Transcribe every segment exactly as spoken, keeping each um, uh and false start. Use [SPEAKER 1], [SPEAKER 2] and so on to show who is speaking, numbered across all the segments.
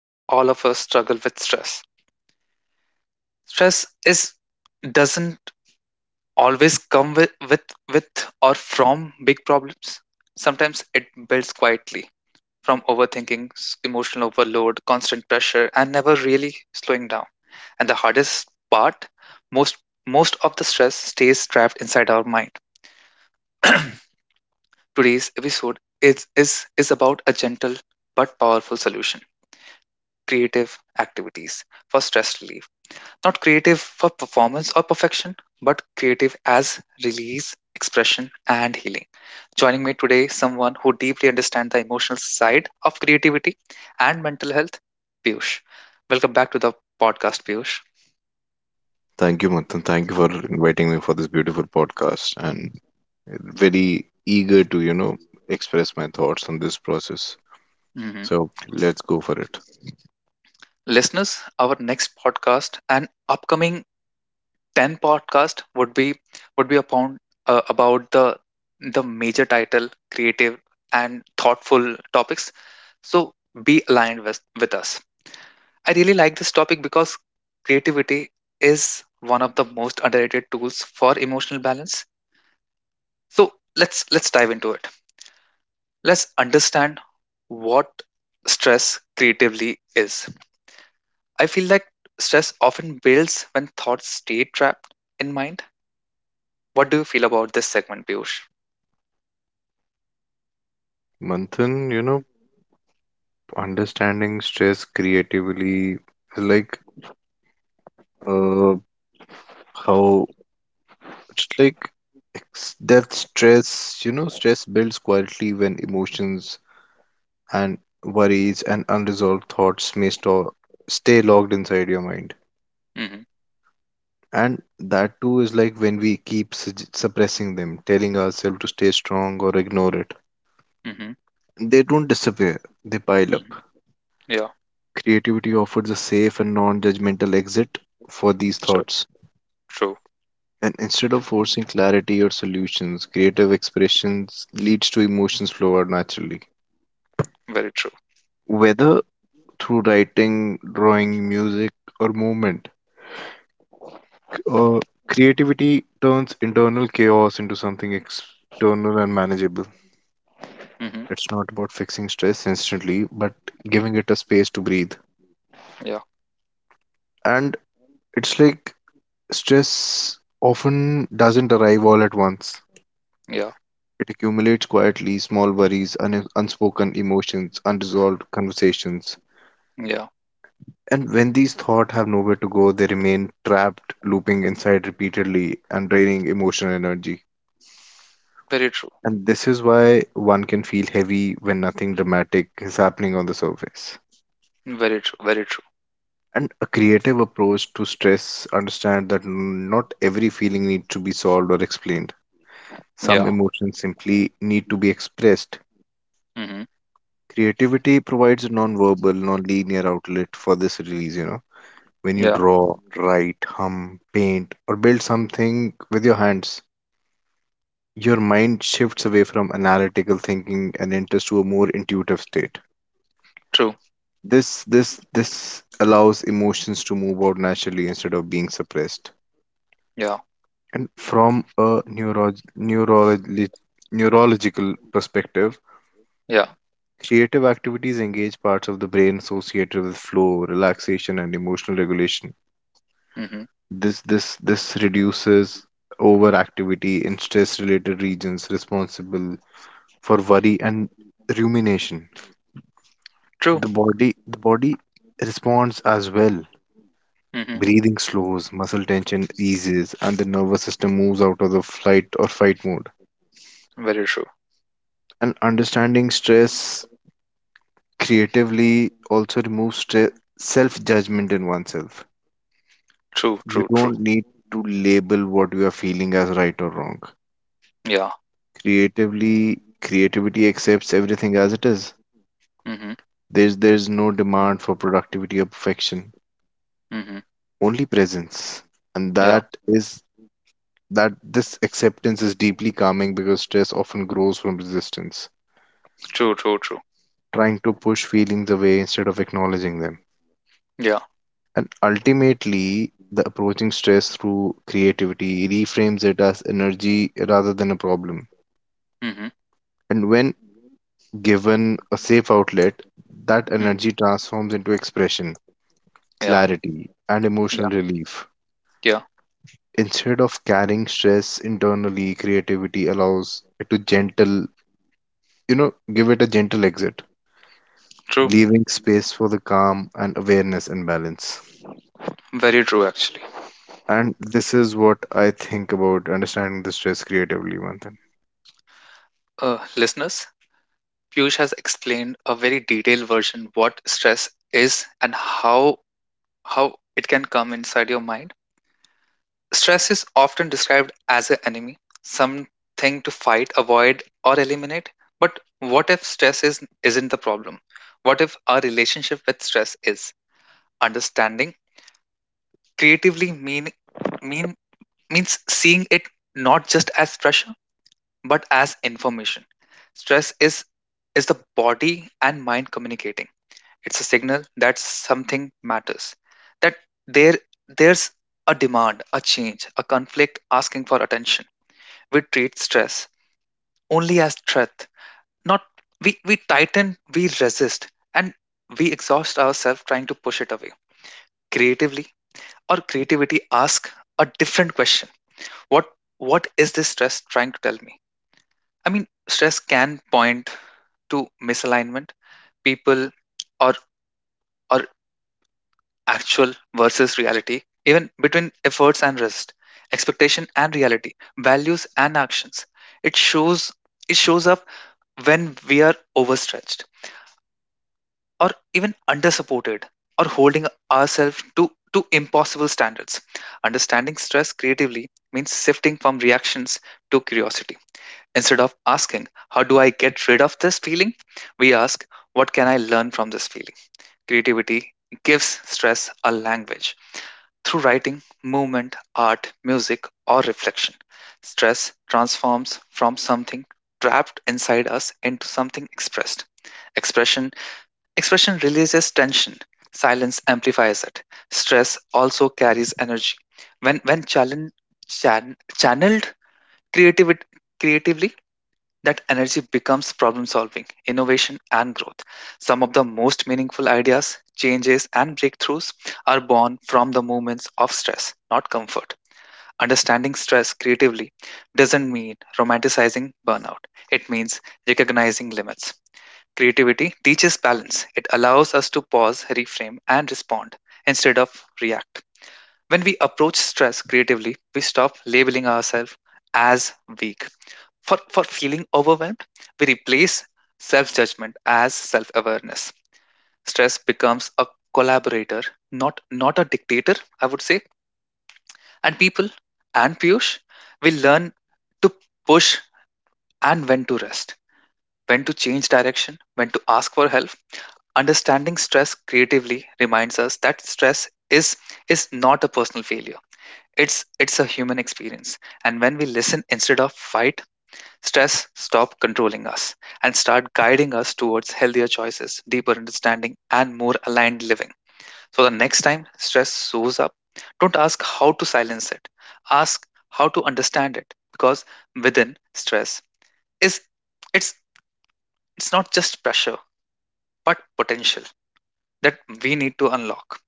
[SPEAKER 1] all of us struggle with, stress. Stress is doesn't always come with, with, with or from big problems. Sometimes it builds quietly from overthinking, s- emotional overload, constant pressure, and never really slowing down. And the hardest part, most most of the stress stays trapped inside our mind. Today's episode is, is, is about a gentle but powerful solution, creative activities for stress relief. Not creative for performance or perfection, but creative as release, expression, and healing. Joining me today, someone who deeply understands the emotional side of creativity and mental health, Piyush. Welcome back to the podcast, Piyush.
[SPEAKER 2] Thank you, Manthan. Thank you for inviting me for this beautiful podcast and very eager to, you know, express my thoughts on this process.
[SPEAKER 1] Mhm.
[SPEAKER 2] So let's go for it.
[SPEAKER 1] Listeners, our next podcast and upcoming ten podcast would be would be upon uh, about the the major title, creative and thoughtful topics, so be aligned with, with us. I really like this topic because creativity is one of the most underrated tools for emotional balance. So let's let's dive into it. Let's understand what stress creatively is. I feel like stress often builds when thoughts stay trapped in mind. What do you feel about this segment, Piyush?
[SPEAKER 2] Manthan, you know, understanding stress creatively is like uh how it's like ex- that stress, you know, stress builds quietly when emotions and worries and unresolved thoughts may store, stay locked inside your mind.
[SPEAKER 1] Mhm,
[SPEAKER 2] And that too is like when we keep sug- suppressing them, telling ourselves to stay strong or ignore it.
[SPEAKER 1] mhm,
[SPEAKER 2] They don't disappear, they pile up.
[SPEAKER 1] mhm. Yeah,
[SPEAKER 2] Creativity offers a safe and non judgmental exit for these
[SPEAKER 1] true,
[SPEAKER 2] thoughts.
[SPEAKER 1] true,
[SPEAKER 2] And instead of forcing clarity or solutions, creative expressions leads to emotions flow out naturally.
[SPEAKER 1] very true.
[SPEAKER 2] Whether through writing, drawing, music, or movement, c- uh, creativity turns internal chaos into something external and manageable.
[SPEAKER 1] Hmm.
[SPEAKER 2] It's not about fixing stress instantly, but giving it a space to breathe.
[SPEAKER 1] Yeah,
[SPEAKER 2] And it's like stress often doesn't arrive all at once.
[SPEAKER 1] yeah,
[SPEAKER 2] It accumulates quietly, small worries, un- unspoken emotions, unresolved conversations.
[SPEAKER 1] yeah,
[SPEAKER 2] And when these thoughts have nowhere to go, they remain trapped, looping inside repeatedly and draining emotional energy.
[SPEAKER 1] very true,
[SPEAKER 2] And this is why one can feel heavy when nothing dramatic is happening on the surface.
[SPEAKER 1] very true, very true.
[SPEAKER 2] And a creative approach to stress understand that not every feeling needs to be solved or explained. Some
[SPEAKER 1] Yeah.
[SPEAKER 2] emotions simply need to be expressed.
[SPEAKER 1] Hmm.
[SPEAKER 2] Creativity provides a non-verbal, non-linear outlet for this release, you know. When you
[SPEAKER 1] Yeah,
[SPEAKER 2] draw, write, hum, paint, or build something with your hands, your mind shifts away from analytical thinking and enters to a more intuitive state.
[SPEAKER 1] true,
[SPEAKER 2] This this this allows emotions to move out naturally instead of being suppressed.
[SPEAKER 1] yeah,
[SPEAKER 2] And from a neuro- neurologi- neurological perspective,
[SPEAKER 1] yeah.
[SPEAKER 2] creative activities engage parts of the brain associated with flow, relaxation, and emotional regulation.
[SPEAKER 1] Hmm.
[SPEAKER 2] This this this reduces overactivity in stress-related regions responsible for worry and rumination.
[SPEAKER 1] True.
[SPEAKER 2] The body the body responds as well.
[SPEAKER 1] Hmm.
[SPEAKER 2] Breathing slows, muscle tension eases, and the nervous system moves out of the flight or fight mode
[SPEAKER 1] Very true,
[SPEAKER 2] and understanding stress creatively also removes stre- self-judgment in oneself.
[SPEAKER 1] true,
[SPEAKER 2] You
[SPEAKER 1] true, true.
[SPEAKER 2] don't need to label what you are feeling as right or wrong.
[SPEAKER 1] Yeah.
[SPEAKER 2] Creatively, creativity accepts everything as it is.
[SPEAKER 1] Hmm.
[SPEAKER 2] There's there's no demand for productivity or perfection,
[SPEAKER 1] Hmm.
[SPEAKER 2] only presence. And
[SPEAKER 1] Yeah,
[SPEAKER 2] that is that this acceptance is deeply calming because stress often grows from resistance,
[SPEAKER 1] true, true, true.
[SPEAKER 2] trying to push feelings away instead of acknowledging them.
[SPEAKER 1] Yeah.
[SPEAKER 2] And ultimately, the approaching stress through creativity reframes it as energy rather than a problem.
[SPEAKER 1] Hmm.
[SPEAKER 2] And when given a safe outlet, that
[SPEAKER 1] Hmm.
[SPEAKER 2] energy transforms into expression,
[SPEAKER 1] Yeah,
[SPEAKER 2] clarity, and
[SPEAKER 1] yeah,
[SPEAKER 2] emotional relief.
[SPEAKER 1] yeah,
[SPEAKER 2] Instead of carrying stress internally, creativity allows it to gentle, you know, give it a gentle exit,
[SPEAKER 1] true,
[SPEAKER 2] leaving space for the calm and awareness and balance.
[SPEAKER 1] very true actually.
[SPEAKER 2] And this is what I think about understanding the stress creatively, Manthan.
[SPEAKER 1] Uh, listeners, Piyush has explained a very detailed version what stress is and how how it can come inside your mind. Stress is often described as an enemy, something to fight, avoid, or eliminate. But what if stress is, isn't the problem? What if our relationship with stress is understanding? Creatively mean, mean means seeing it not just as pressure, but as information. Stress is is the body and mind communicating. It's a signal that something matters, that there there's a demand, a change, a conflict asking for attention. We treat stress only as threat, not, we we tighten, we resist, and we exhaust ourselves trying to push it away. Creatively, or creativity ask a different question: what what is this stress trying to tell me? I mean, stress can point to misalignment, people, or or actual versus reality, even between efforts and rest, expectation and reality, values and actions. It shows it shows up when we are overstretched, or even undersupported, or holding ourselves to, to impossible standards. Understanding stress creatively means shifting from reactions to curiosity. Instead of asking, "How do I get rid of this feeling?" we ask, "What can I learn from this feeling?" Creativity gives stress a language. Through writing, movement, art, music, or reflection, stress transforms from something trapped inside us into something expressed. Expression expression releases tension. Silence amplifies it. Stress also carries energy. When when challenge, chan, channeled creativity, creatively, that energy becomes problem solving, innovation, and growth. Some of the most meaningful ideas, changes, and breakthroughs are born from the moments of stress, not comfort. Understanding stress creatively doesn't mean romanticizing burnout, it means recognizing limits. Creativity teaches balance. It allows us to pause, reframe, and respond instead of react. When we approach stress creatively, we stop labeling ourselves as weak. For, for feeling overwhelmed, we replace self judgment as self awareness. Stress becomes a collaborator, not, not a dictator, I would say. And people and Piyush will learn to push and when to rest, when to change direction, when to ask for help. Understanding stress creatively reminds us that stress is, is not a personal failure, it's it's a human experience. And when we listen instead of fight, stress stop controlling us and start guiding us towards healthier choices, deeper understanding and more aligned living. So the next time stress shows up, don't ask how to silence it. Ask how to understand it, because within stress is it's it's not just pressure but potential that we need to unlock.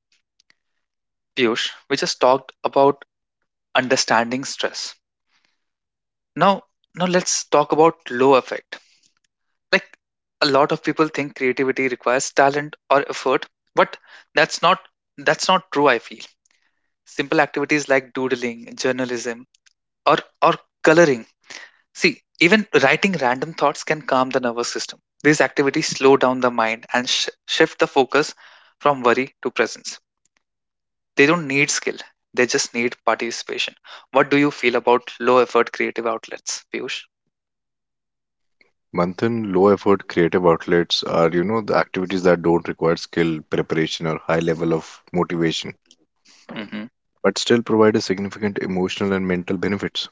[SPEAKER 1] Piyush, we just talked about understanding stress. Now, now let's talk about low effect. Like, a lot of people think creativity requires talent or effort, but that's not that's not true. I feel simple activities like doodling, journalism, or or coloring. See, even writing random thoughts can calm the nervous system. These activities slow down the mind and sh- shift the focus from worry to presence. They don't need skill; they just need participation. What do you feel about low effort creative outlets, Piyush?
[SPEAKER 2] Manthan, low effort creative outlets are, you know, the activities that don't require skill, preparation, or high level of motivation,
[SPEAKER 1] Mm-hmm.
[SPEAKER 2] but still provide a significant emotional and mental benefits.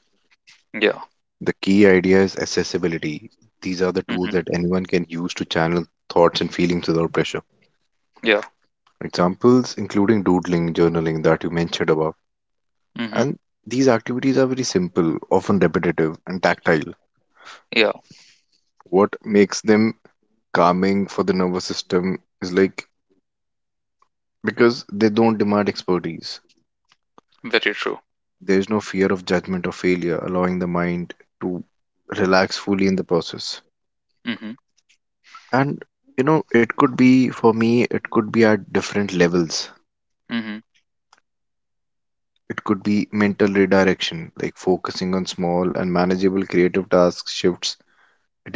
[SPEAKER 1] Yeah.
[SPEAKER 2] The key idea is accessibility. These are the tools that anyone can use to channel thoughts and feelings without pressure.
[SPEAKER 1] Yeah.
[SPEAKER 2] Examples including doodling, journaling that you mentioned above.
[SPEAKER 1] Mhm.
[SPEAKER 2] And these activities are very simple, often repetitive, and tactile.
[SPEAKER 1] Yeah.
[SPEAKER 2] What makes them calming for the nervous system is like because they don't demand expertise.
[SPEAKER 1] Very true.
[SPEAKER 2] There is no fear of judgment or failure, allowing the mind to relax fully in the process.
[SPEAKER 1] Mhm.
[SPEAKER 2] And you know, it could be for me, it could be at different levels.
[SPEAKER 1] Mhm.
[SPEAKER 2] It could be mental redirection, like focusing on small and manageable creative tasks shifts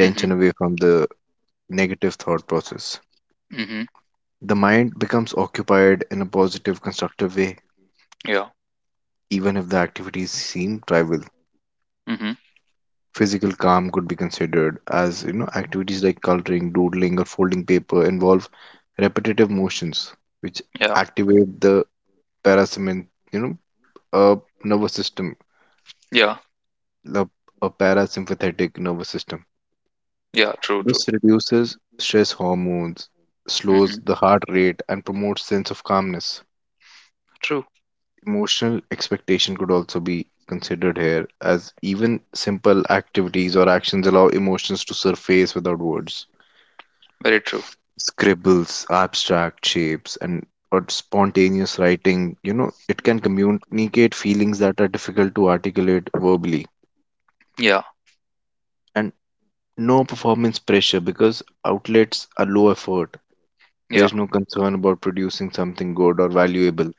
[SPEAKER 1] Mhm.
[SPEAKER 2] away from the negative thought process.
[SPEAKER 1] Mhm.
[SPEAKER 2] The mind becomes occupied in a positive, constructive way,
[SPEAKER 1] Yeah.
[SPEAKER 2] even if the activities seem trivial.
[SPEAKER 1] Mhm.
[SPEAKER 2] Physical calm could be considered as you know activities like coloring, doodling, or folding paper involve repetitive motions which
[SPEAKER 1] Yeah.
[SPEAKER 2] activate the parasympathetic, you know, uh, nervous system,
[SPEAKER 1] Yeah.
[SPEAKER 2] the a parasympathetic nervous system.
[SPEAKER 1] Yeah. True.
[SPEAKER 2] This
[SPEAKER 1] True.
[SPEAKER 2] reduces stress hormones, slows
[SPEAKER 1] Mhm.
[SPEAKER 2] the heart rate, and promotes sense of calmness.
[SPEAKER 1] True.
[SPEAKER 2] Emotional expectation could also be considered here, as even simple activities or actions allow emotions to surface without words.
[SPEAKER 1] Very true.
[SPEAKER 2] Scribbles, abstract shapes, and or spontaneous writing. You know, it can communicate feelings that are difficult to articulate verbally.
[SPEAKER 1] Yeah.
[SPEAKER 2] And no performance pressure because outlets are low effort.
[SPEAKER 1] Yeah.
[SPEAKER 2] There's no concern about producing something good or valuable.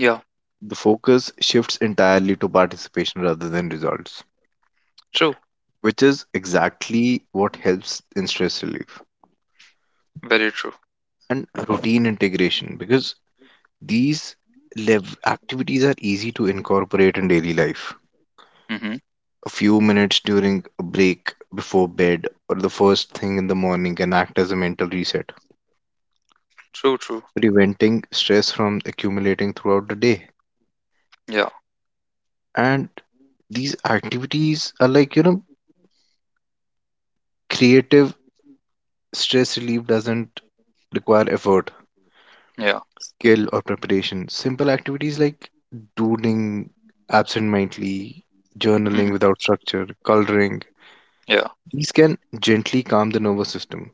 [SPEAKER 1] Yeah.
[SPEAKER 2] The focus shifts entirely to participation rather than results,
[SPEAKER 1] True.
[SPEAKER 2] which is exactly what helps in stress relief
[SPEAKER 1] Very true.
[SPEAKER 2] and routine integration because these lev- activities are easy to incorporate in daily life.
[SPEAKER 1] Mhm.
[SPEAKER 2] A few minutes during a break before bed or the first thing in the morning can act as a mental reset,
[SPEAKER 1] True. True.
[SPEAKER 2] preventing stress from accumulating throughout the day.
[SPEAKER 1] Yeah.
[SPEAKER 2] And these activities are like, you know, creative stress relief doesn't require effort,
[SPEAKER 1] Yeah.
[SPEAKER 2] skill, or preparation. Simple activities like doodling absentmindedly,
[SPEAKER 1] Mhm.
[SPEAKER 2] journaling without structure, coloring,
[SPEAKER 1] Yeah.
[SPEAKER 2] these can gently calm the nervous system.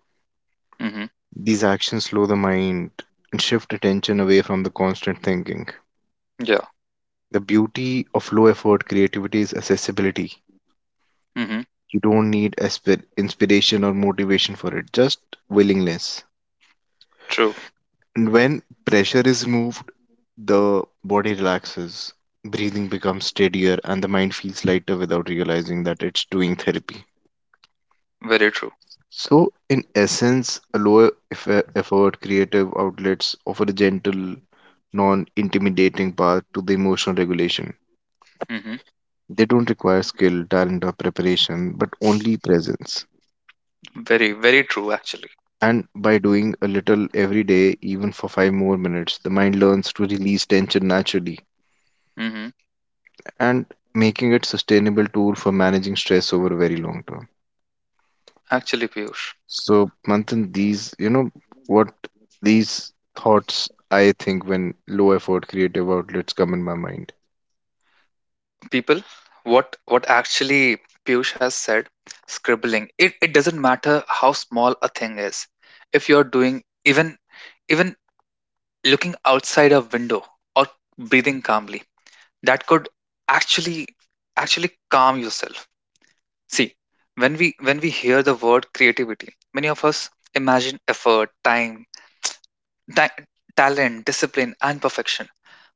[SPEAKER 1] Mhm.
[SPEAKER 2] These actions slow the mind and shift attention away from the constant thinking.
[SPEAKER 1] Yeah.
[SPEAKER 2] The beauty of low effort creativity is accessibility.
[SPEAKER 1] Mhm.
[SPEAKER 2] You don't need aspir- inspiration or motivation for it, just willingness.
[SPEAKER 1] True.
[SPEAKER 2] And when pressure is removed, the body relaxes, breathing becomes steadier, and the mind feels lighter without realizing that it's doing therapy.
[SPEAKER 1] Very true.
[SPEAKER 2] So, in essence, a lower eff- effort creative outlets offer a gentle, non intimidating path to the emotional regulation.
[SPEAKER 1] Mhm.
[SPEAKER 2] They don't require skill, talent, or preparation, but only presence.
[SPEAKER 1] Very very true actually.
[SPEAKER 2] And by doing a little every day, even for five more minutes, the mind learns to release tension naturally
[SPEAKER 1] Mhm.
[SPEAKER 2] and making it sustainable tool for managing stress over a very long term.
[SPEAKER 1] Actually, Piyush.
[SPEAKER 2] So, Manthan, these, you know, what these thoughts I think when low effort creative outlets come in my mind.
[SPEAKER 1] People, what what actually Piyush has said, scribbling, it, it doesn't matter how small a thing is. If you're doing even even looking outside a window, or breathing calmly, that could actually actually calm yourself. See, when we when we hear the word creativity, many of us imagine effort, time, ta- talent, discipline and perfection.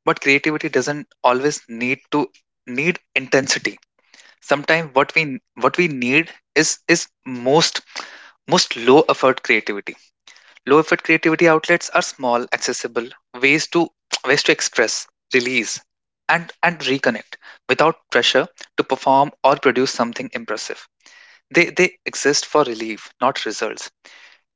[SPEAKER 1] But creativity doesn't always need to need intensity. Sometimes what we what we need is is most most low effort creativity. Low effort creativity outlets are small, accessible ways to, ways to express release, and and reconnect without pressure to perform or produce something impressive. They they exist for relief, not results.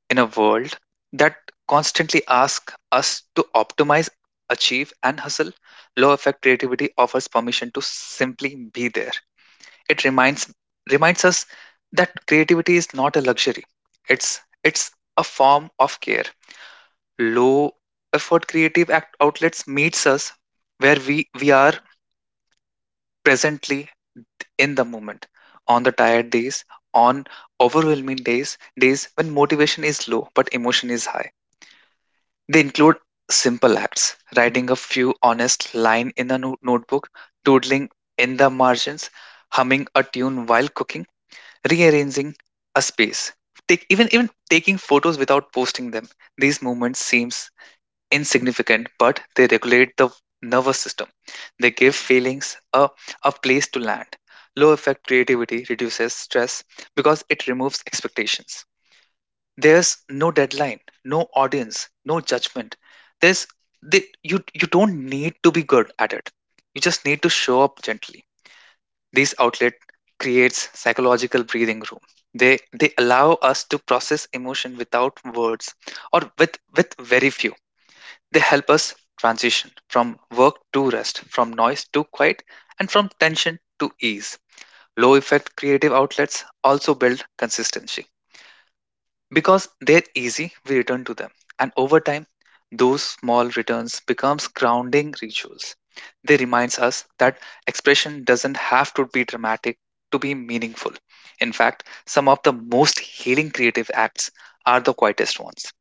[SPEAKER 1] In a world that constantly asks us to optimize, achieve and hustle, low effect creativity offers permission to simply be there. It reminds reminds us that creativity is not a luxury. It's it's a form of care. Low effort creative act outlets meets us where we we are, presently, in the moment, on the tired days, on overwhelming days, days when motivation is low but emotion is high. They include simple acts: writing a few honest line in a no- notebook, doodling in the margins, humming a tune while cooking, rearranging a space, take, even even taking photos without posting them. These movements seems insignificant, but they regulate the nervous system. They give feelings a, a place to land. Low effect creativity reduces stress because it removes expectations. There's no deadline, no audience, no judgment. There's they, you you don't need to be good at it. You just need to show up gently. These outlet creates psychological breathing room. They they allow us to process emotion without words, or with with very few. They help us transition from work to rest, from noise to quiet, and from tension to ease. Low effect creative outlets also build consistency. Because they're easy, we return to them. And over time, those small returns becomes grounding rituals. They reminds us that expression doesn't have to be dramatic to be meaningful. In fact, some of the most healing creative acts are the quietest ones.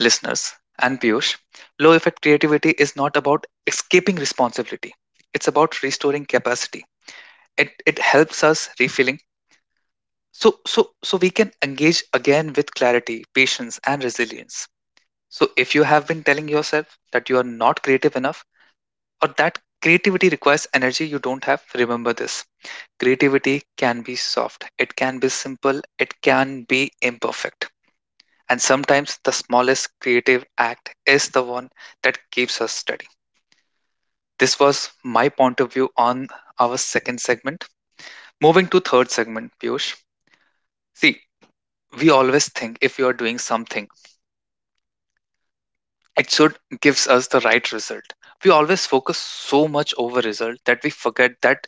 [SPEAKER 1] Listeners and Piyush, low effect creativity is not about escaping responsibility. It's about restoring capacity. It, it helps us refilling, so so so we can engage again with clarity, patience and resilience. So if you have been telling yourself that you are not creative enough, or that creativity requires energy you don't have, remember this: creativity can be soft, it can be simple, it can be imperfect. And sometimes the smallest creative act is the one that keeps us steady. This was my point of view on our second segment. Moving to third segment, Piyush. See, we always think if you are doing something, it should gives us the right result. We always focus so much over result that we forget that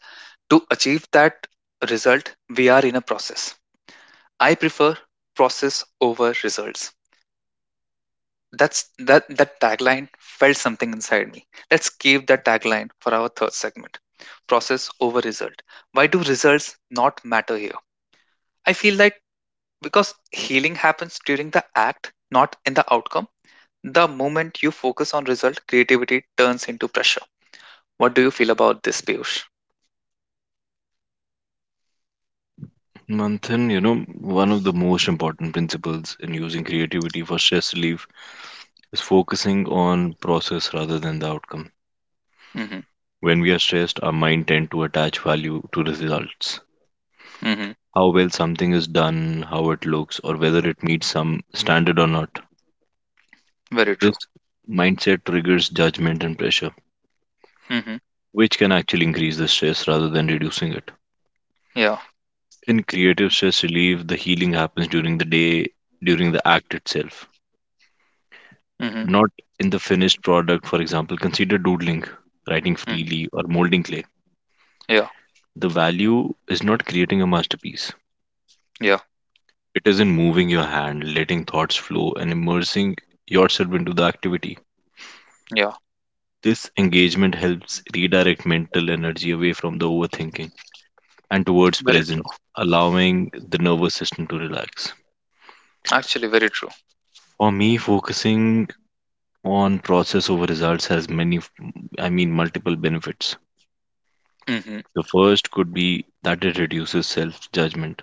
[SPEAKER 1] to achieve that result, we are in a process. I prefer process over results. That's that that tagline felt something inside me. Let's keep that tagline for our third segment: process over result. Why do results not matter here? I feel like because healing happens during the act, not in the outcome. The moment you focus on result, creativity turns into pressure. What do you feel about this, Piyush?
[SPEAKER 2] Manthan, you know, one of the most important principles in using creativity for stress relief is focusing on process rather than the outcome.
[SPEAKER 1] Mm-hmm.
[SPEAKER 2] When we are stressed, our mind tend to attach value to the results.
[SPEAKER 1] Mm-hmm.
[SPEAKER 2] How well something is done, how it looks, or whether it meets some standard or not.
[SPEAKER 1] Very
[SPEAKER 2] This
[SPEAKER 1] true.
[SPEAKER 2] mindset triggers judgment and pressure,
[SPEAKER 1] Mm-hmm.
[SPEAKER 2] which can actually increase the stress rather than reducing it.
[SPEAKER 1] Yeah.
[SPEAKER 2] In creative stress relief, the healing happens during the day, during the act itself,
[SPEAKER 1] Mm-hmm.
[SPEAKER 2] not in the finished product. For example, consider doodling, writing
[SPEAKER 1] Mm-hmm.
[SPEAKER 2] freely, or molding clay.
[SPEAKER 1] Yeah.
[SPEAKER 2] The value is not creating a masterpiece,
[SPEAKER 1] Yeah.
[SPEAKER 2] it is in moving your hand, letting thoughts flow, and immersing yourself into the activity.
[SPEAKER 1] Yeah.
[SPEAKER 2] This engagement helps redirect mental energy away from the overthinking and towards
[SPEAKER 1] Very
[SPEAKER 2] presence,
[SPEAKER 1] true.
[SPEAKER 2] allowing the nervous system to relax.
[SPEAKER 1] Actually, very true.
[SPEAKER 2] For me, focusing on process over results has many, f- I mean, multiple benefits.
[SPEAKER 1] Mm-hmm.
[SPEAKER 2] The first could be that it reduces self judgment.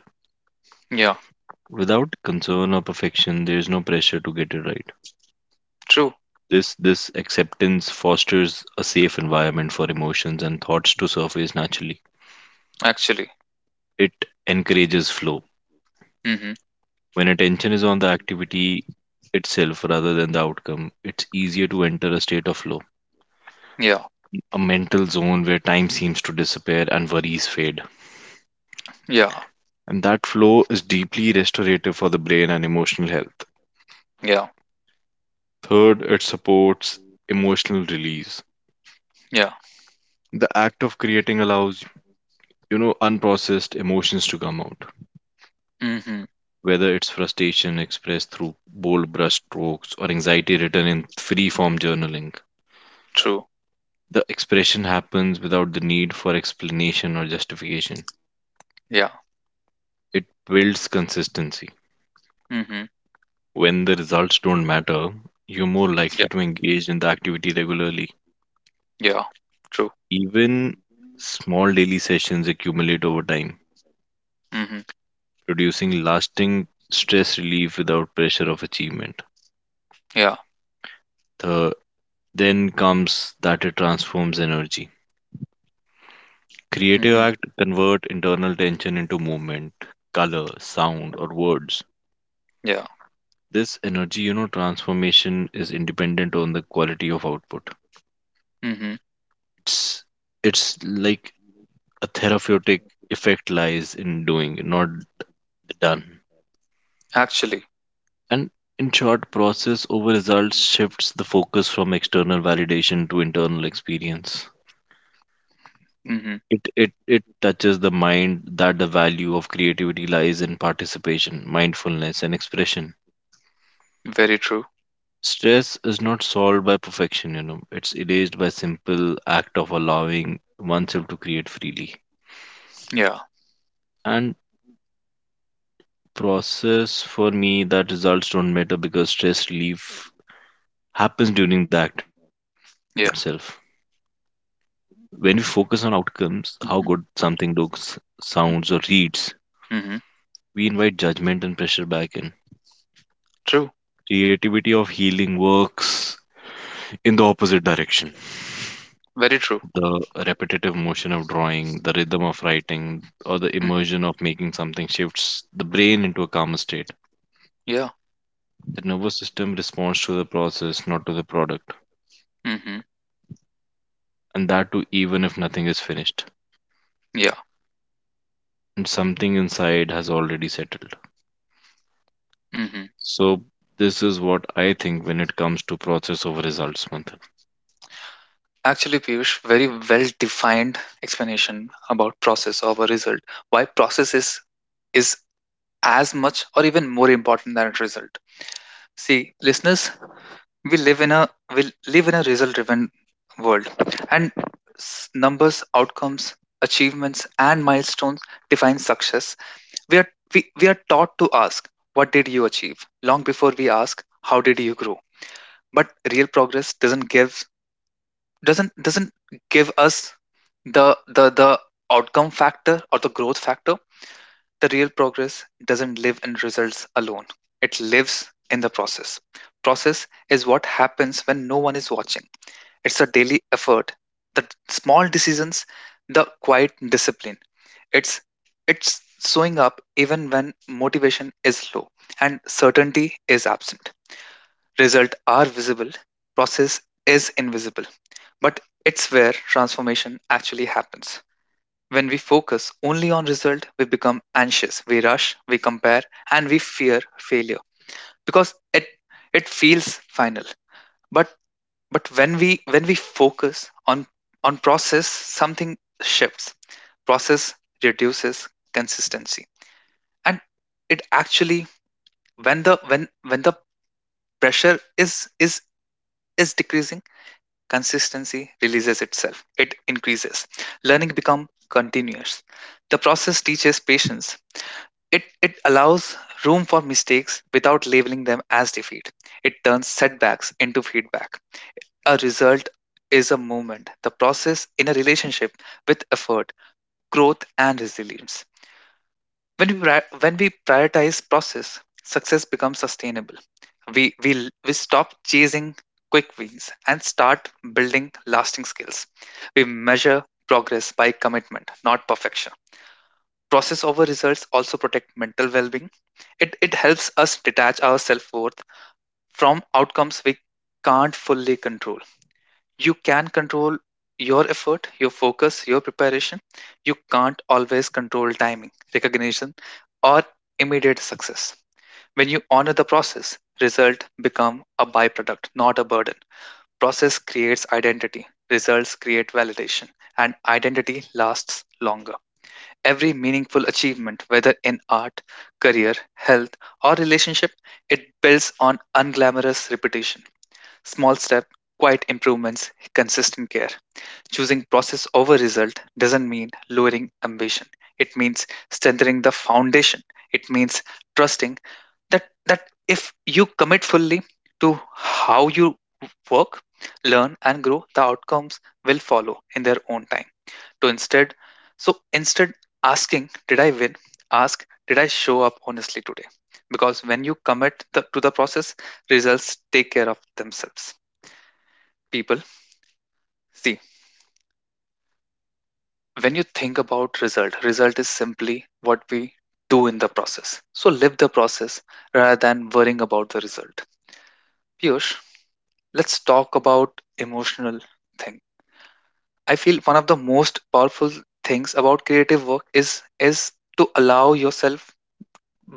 [SPEAKER 1] Yeah.
[SPEAKER 2] Without concern or perfection, there is no pressure to get it right.
[SPEAKER 1] True.
[SPEAKER 2] This, this acceptance fosters a safe environment for emotions and thoughts to surface naturally.
[SPEAKER 1] Actually.
[SPEAKER 2] It encourages flow.
[SPEAKER 1] Mm-hmm.
[SPEAKER 2] When attention is on the activity itself rather than the outcome, it's easier to enter a state of flow,
[SPEAKER 1] Yeah.
[SPEAKER 2] a mental zone where time seems to disappear and worries fade,
[SPEAKER 1] Yeah.
[SPEAKER 2] and that flow is deeply restorative for the brain and emotional health.
[SPEAKER 1] Yeah.
[SPEAKER 2] Third, it supports emotional release.
[SPEAKER 1] Yeah.
[SPEAKER 2] The act of creating allows, you know, unprocessed emotions to come out,
[SPEAKER 1] Mm-hmm.
[SPEAKER 2] whether it's frustration expressed through bold brush strokes or anxiety written in free form journaling.
[SPEAKER 1] True.
[SPEAKER 2] The expression happens without the need for explanation or justification.
[SPEAKER 1] Yeah.
[SPEAKER 2] It builds consistency.
[SPEAKER 1] Mm-hmm.
[SPEAKER 2] When the results don't matter, you're more
[SPEAKER 1] Yeah.
[SPEAKER 2] likely to engage in the activity regularly.
[SPEAKER 1] Yeah. True.
[SPEAKER 2] Even small daily sessions accumulate over time,
[SPEAKER 1] Mm-hmm.
[SPEAKER 2] producing lasting stress relief without pressure of achievement.
[SPEAKER 1] Yeah.
[SPEAKER 2] The then comes that it transforms energy. Creative
[SPEAKER 1] Mm-hmm.
[SPEAKER 2] act convert internal tension into movement, color, sound, or words.
[SPEAKER 1] Yeah.
[SPEAKER 2] This energy, you know, transformation is independent on the quality of output.
[SPEAKER 1] Mm-hmm.
[SPEAKER 2] It's it's like a therapeutic effect lies in doing, not done.
[SPEAKER 1] Actually.
[SPEAKER 2] And in short, process over results shifts the focus from external validation to internal experience.
[SPEAKER 1] Mm-hmm.
[SPEAKER 2] It, it, it touches the mind that the value of creativity lies in participation, mindfulness, and expression.
[SPEAKER 1] Very true.
[SPEAKER 2] Stress is not solved by perfection, you know, it's erased by simple act of allowing oneself to create freely.
[SPEAKER 1] Yeah.
[SPEAKER 2] And process for me that results don't matter because stress relief happens during the act itself.
[SPEAKER 1] Yeah.
[SPEAKER 2] When we focus on outcomes, how good
[SPEAKER 1] Mm-hmm.
[SPEAKER 2] something looks, sounds, or reads,
[SPEAKER 1] Mm-hmm.
[SPEAKER 2] we invite judgment and pressure back in.
[SPEAKER 1] True.
[SPEAKER 2] Creativity of healing works in the opposite direction.
[SPEAKER 1] Very true.
[SPEAKER 2] The repetitive motion of drawing, the rhythm of writing, or the
[SPEAKER 1] Mm-hmm.
[SPEAKER 2] immersion of making something shifts the brain into a calmer state.
[SPEAKER 1] Yeah.
[SPEAKER 2] The nervous system responds to the process, not to the product,
[SPEAKER 1] Mm-hmm.
[SPEAKER 2] and that too even if nothing is finished
[SPEAKER 1] Yeah.
[SPEAKER 2] and something inside has already settled.
[SPEAKER 1] Mm-hmm.
[SPEAKER 2] So this is what I think when it comes to process over results, Manthan.
[SPEAKER 1] Actually, Piyush, very well defined explanation about process over result. Why process is is as much or even more important than its result. See, listeners, we live in a we live in a result driven world, and s- numbers, outcomes, achievements, and milestones define success. We are we, we are taught to ask, "What did you achieve?" long before we ask, "How did you grow?" But real progress doesn't give doesn't doesn't give us the the the outcome factor or the growth factor. The real progress doesn't live in results alone, it lives in the process. Process is what happens when no one is watching. It's a daily effort, the small decisions, the quiet discipline. It's it's showing up even when motivation is low and certainty is absent. Result are visible, process is invisible. But it's where transformation actually happens. When we focus only on result, we become anxious, we rush, we compare, and we fear failure because it it feels final. But but when we when we focus on on process, something shifts. Process reduces consistency, and it actually, when the when when the pressure is is is decreasing, consistency releases itself, it increases. Learning becomes continuous. The process teaches patience. It it allows room for mistakes without labeling them as defeat. It turns setbacks into feedback. A result is a movement, the process in a relationship with effort, growth and resilience. When we, pri- when we prioritize process, success becomes sustainable. We, we, we stop chasing quick wins and start building lasting skills. We measure progress by commitment, not perfection. Process over results also protect mental well being. It, it helps us detach our self worth from outcomes we can't fully control. You can control your effort, your focus, your preparation. You can't always control timing, recognition, or immediate success. When you honor the process, result become a byproduct, not a burden. Process creates identity, results create validation, and identity lasts longer. Every meaningful achievement, whether in art, career, health, or relationship, it builds on unglamorous repetition. Small step, quiet improvements, consistent care. Choosing process over result doesn't mean lowering ambition. It means strengthening the foundation. It means trusting that that if you commit fully to how you work, learn and grow, the outcomes will follow in their own time. To instead so instead asking, did I win? Ask, did I show up honestly today? Because when you commit the, to the process, results take care of themselves. People see. When you think about result, result is simply what we do in the process. So live the process rather than worrying about the result. Piyush, let's talk about emotional thing. I feel one of the most powerful things about creative work is is to allow yourself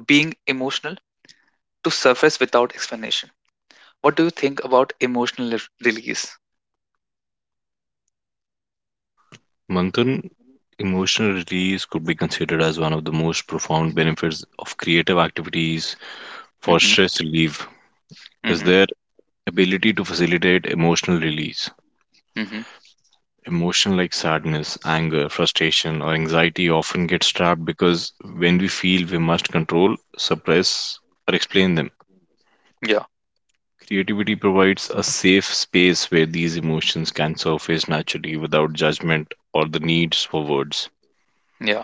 [SPEAKER 1] being emotional to surface without explanation. What do you think about emotional re- release?
[SPEAKER 2] Manthan, emotional release could be considered as one of the most profound benefits of creative activities for
[SPEAKER 1] Mm-hmm.
[SPEAKER 2] stress relief is
[SPEAKER 1] Mm-hmm.
[SPEAKER 2] their ability to facilitate emotional release.
[SPEAKER 1] Mm-hmm.
[SPEAKER 2] Emotion like sadness, anger, frustration, or anxiety often gets trapped because when we feel we must control, suppress, or explain them.
[SPEAKER 1] Yeah.
[SPEAKER 2] Creativity provides a safe space where these emotions can surface naturally without judgment or the needs for words.
[SPEAKER 1] Yeah.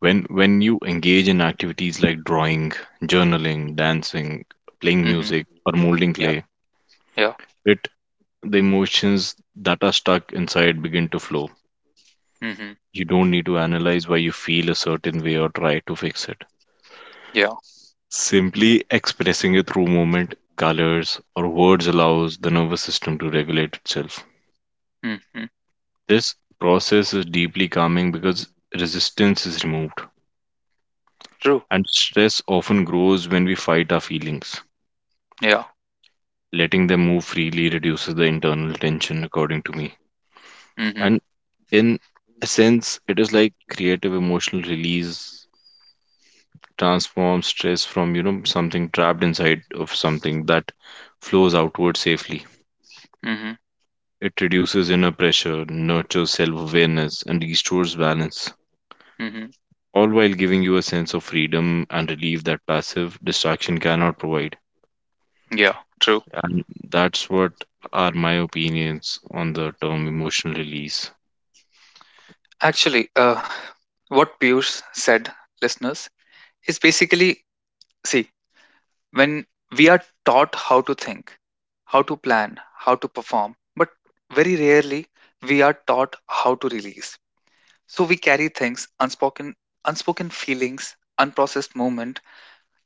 [SPEAKER 2] When when you engage in activities like drawing, journaling, dancing, playing
[SPEAKER 1] Mm-hmm.
[SPEAKER 2] music, or molding
[SPEAKER 1] Yeah.
[SPEAKER 2] clay,
[SPEAKER 1] Yeah.
[SPEAKER 2] it the emotions that are stuck inside begin to flow.
[SPEAKER 1] Mm-hmm.
[SPEAKER 2] You don't need to analyze why you feel a certain way or try to fix it.
[SPEAKER 1] Yeah.
[SPEAKER 2] Simply expressing it through movement, colors, or words allows the nervous system to regulate itself.
[SPEAKER 1] Mm-hmm.
[SPEAKER 2] This process is deeply calming because resistance is removed,
[SPEAKER 1] True.
[SPEAKER 2] and stress often grows when we fight our feelings.
[SPEAKER 1] Yeah.
[SPEAKER 2] Letting them move freely reduces the internal tension, according to me.
[SPEAKER 1] Mhm.
[SPEAKER 2] And in a sense, it is like creative emotional release transforms stress from, you know, something trapped inside of something that flows outward safely.
[SPEAKER 1] Mhm.
[SPEAKER 2] It reduces inner pressure, nurtures self awareness, and restores balance,
[SPEAKER 1] Mhm.
[SPEAKER 2] all while giving you a sense of freedom and relief that passive distraction cannot provide.
[SPEAKER 1] Yeah. True.
[SPEAKER 2] And that's what are my opinions on the term emotional release.
[SPEAKER 1] Actually, uh, what Piyush said, listeners, is basically, see, when we are taught how to think, how to plan, how to perform, but very rarely we are taught how to release. So we carry things, unspoken, unspoken feelings, unprocessed moment,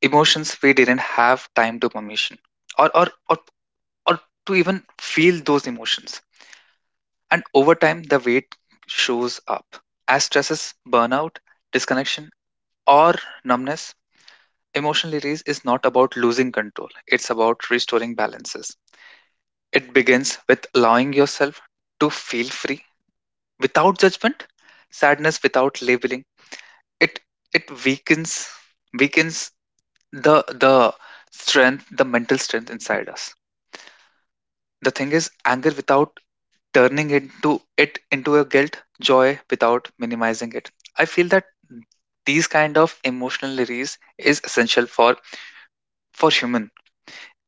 [SPEAKER 1] emotions we didn't have time to permission, or or or, or to even feel those emotions. And over time, the weight shows up as stresses, burnout, disconnection, or numbness. Emotional release is not about losing control, it's about restoring balances. It begins with allowing yourself to feel free without judgment, sadness without labeling. It it weakens weakens the the strength, the mental strength inside us. The thing is, anger without turning into it into a guilt, joy without minimizing it. I feel that these kind of emotional release is essential for for human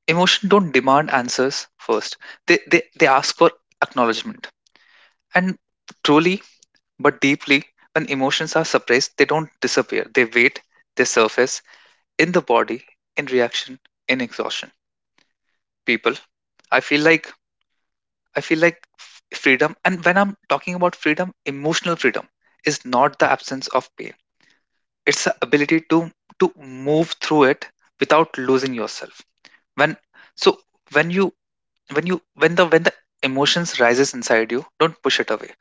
[SPEAKER 1] emotion. Don't demand answers first. They they, they ask for acknowledgement, and truly but deeply, when emotions are suppressed they don't disappear, they wait. They surface in the body, in reaction, in exhaustion. People, i feel like I feel like f- freedom, and when I'm talking about freedom, emotional freedom is not the absence of pain. It's the ability to to move through it without losing yourself. When so when you when you when the when the emotions rises inside you, don't push it away.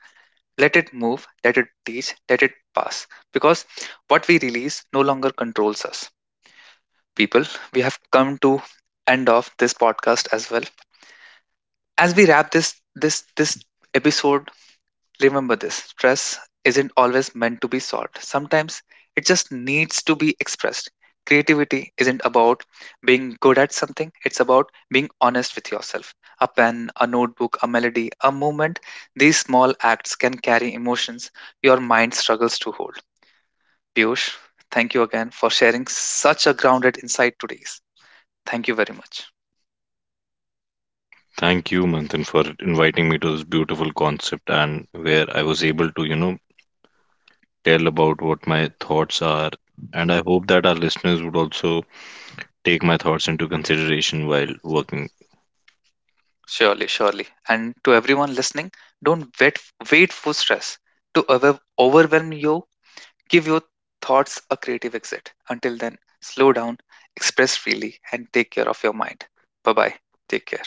[SPEAKER 1] Let it move, let it teach, let it pass. Because what we release no longer controls us. People, we have come to end of this podcast as well. As we wrap this this this episode, remember, this stress isn't always meant to be solved. Sometimes it just needs to be expressed. Creativity isn't about being good at something, it's about being honest with yourself. A pen, a notebook, a melody, a movement, these small acts can carry emotions your mind struggles to hold. Piyush, thank you again for sharing such a grounded insight today. Thank you very much.
[SPEAKER 2] Thank you, Manthan, for inviting me to this beautiful concept and where I was able to, you know, tell about what my thoughts are. And I hope that our listeners would also take my thoughts into consideration while working
[SPEAKER 1] Surely, surely. And to everyone listening, don't wait, wait for stress to over- overwhelm you. Give your thoughts a creative exit. Until then, slow down, express freely, and take care of your mind. Bye bye. Take care.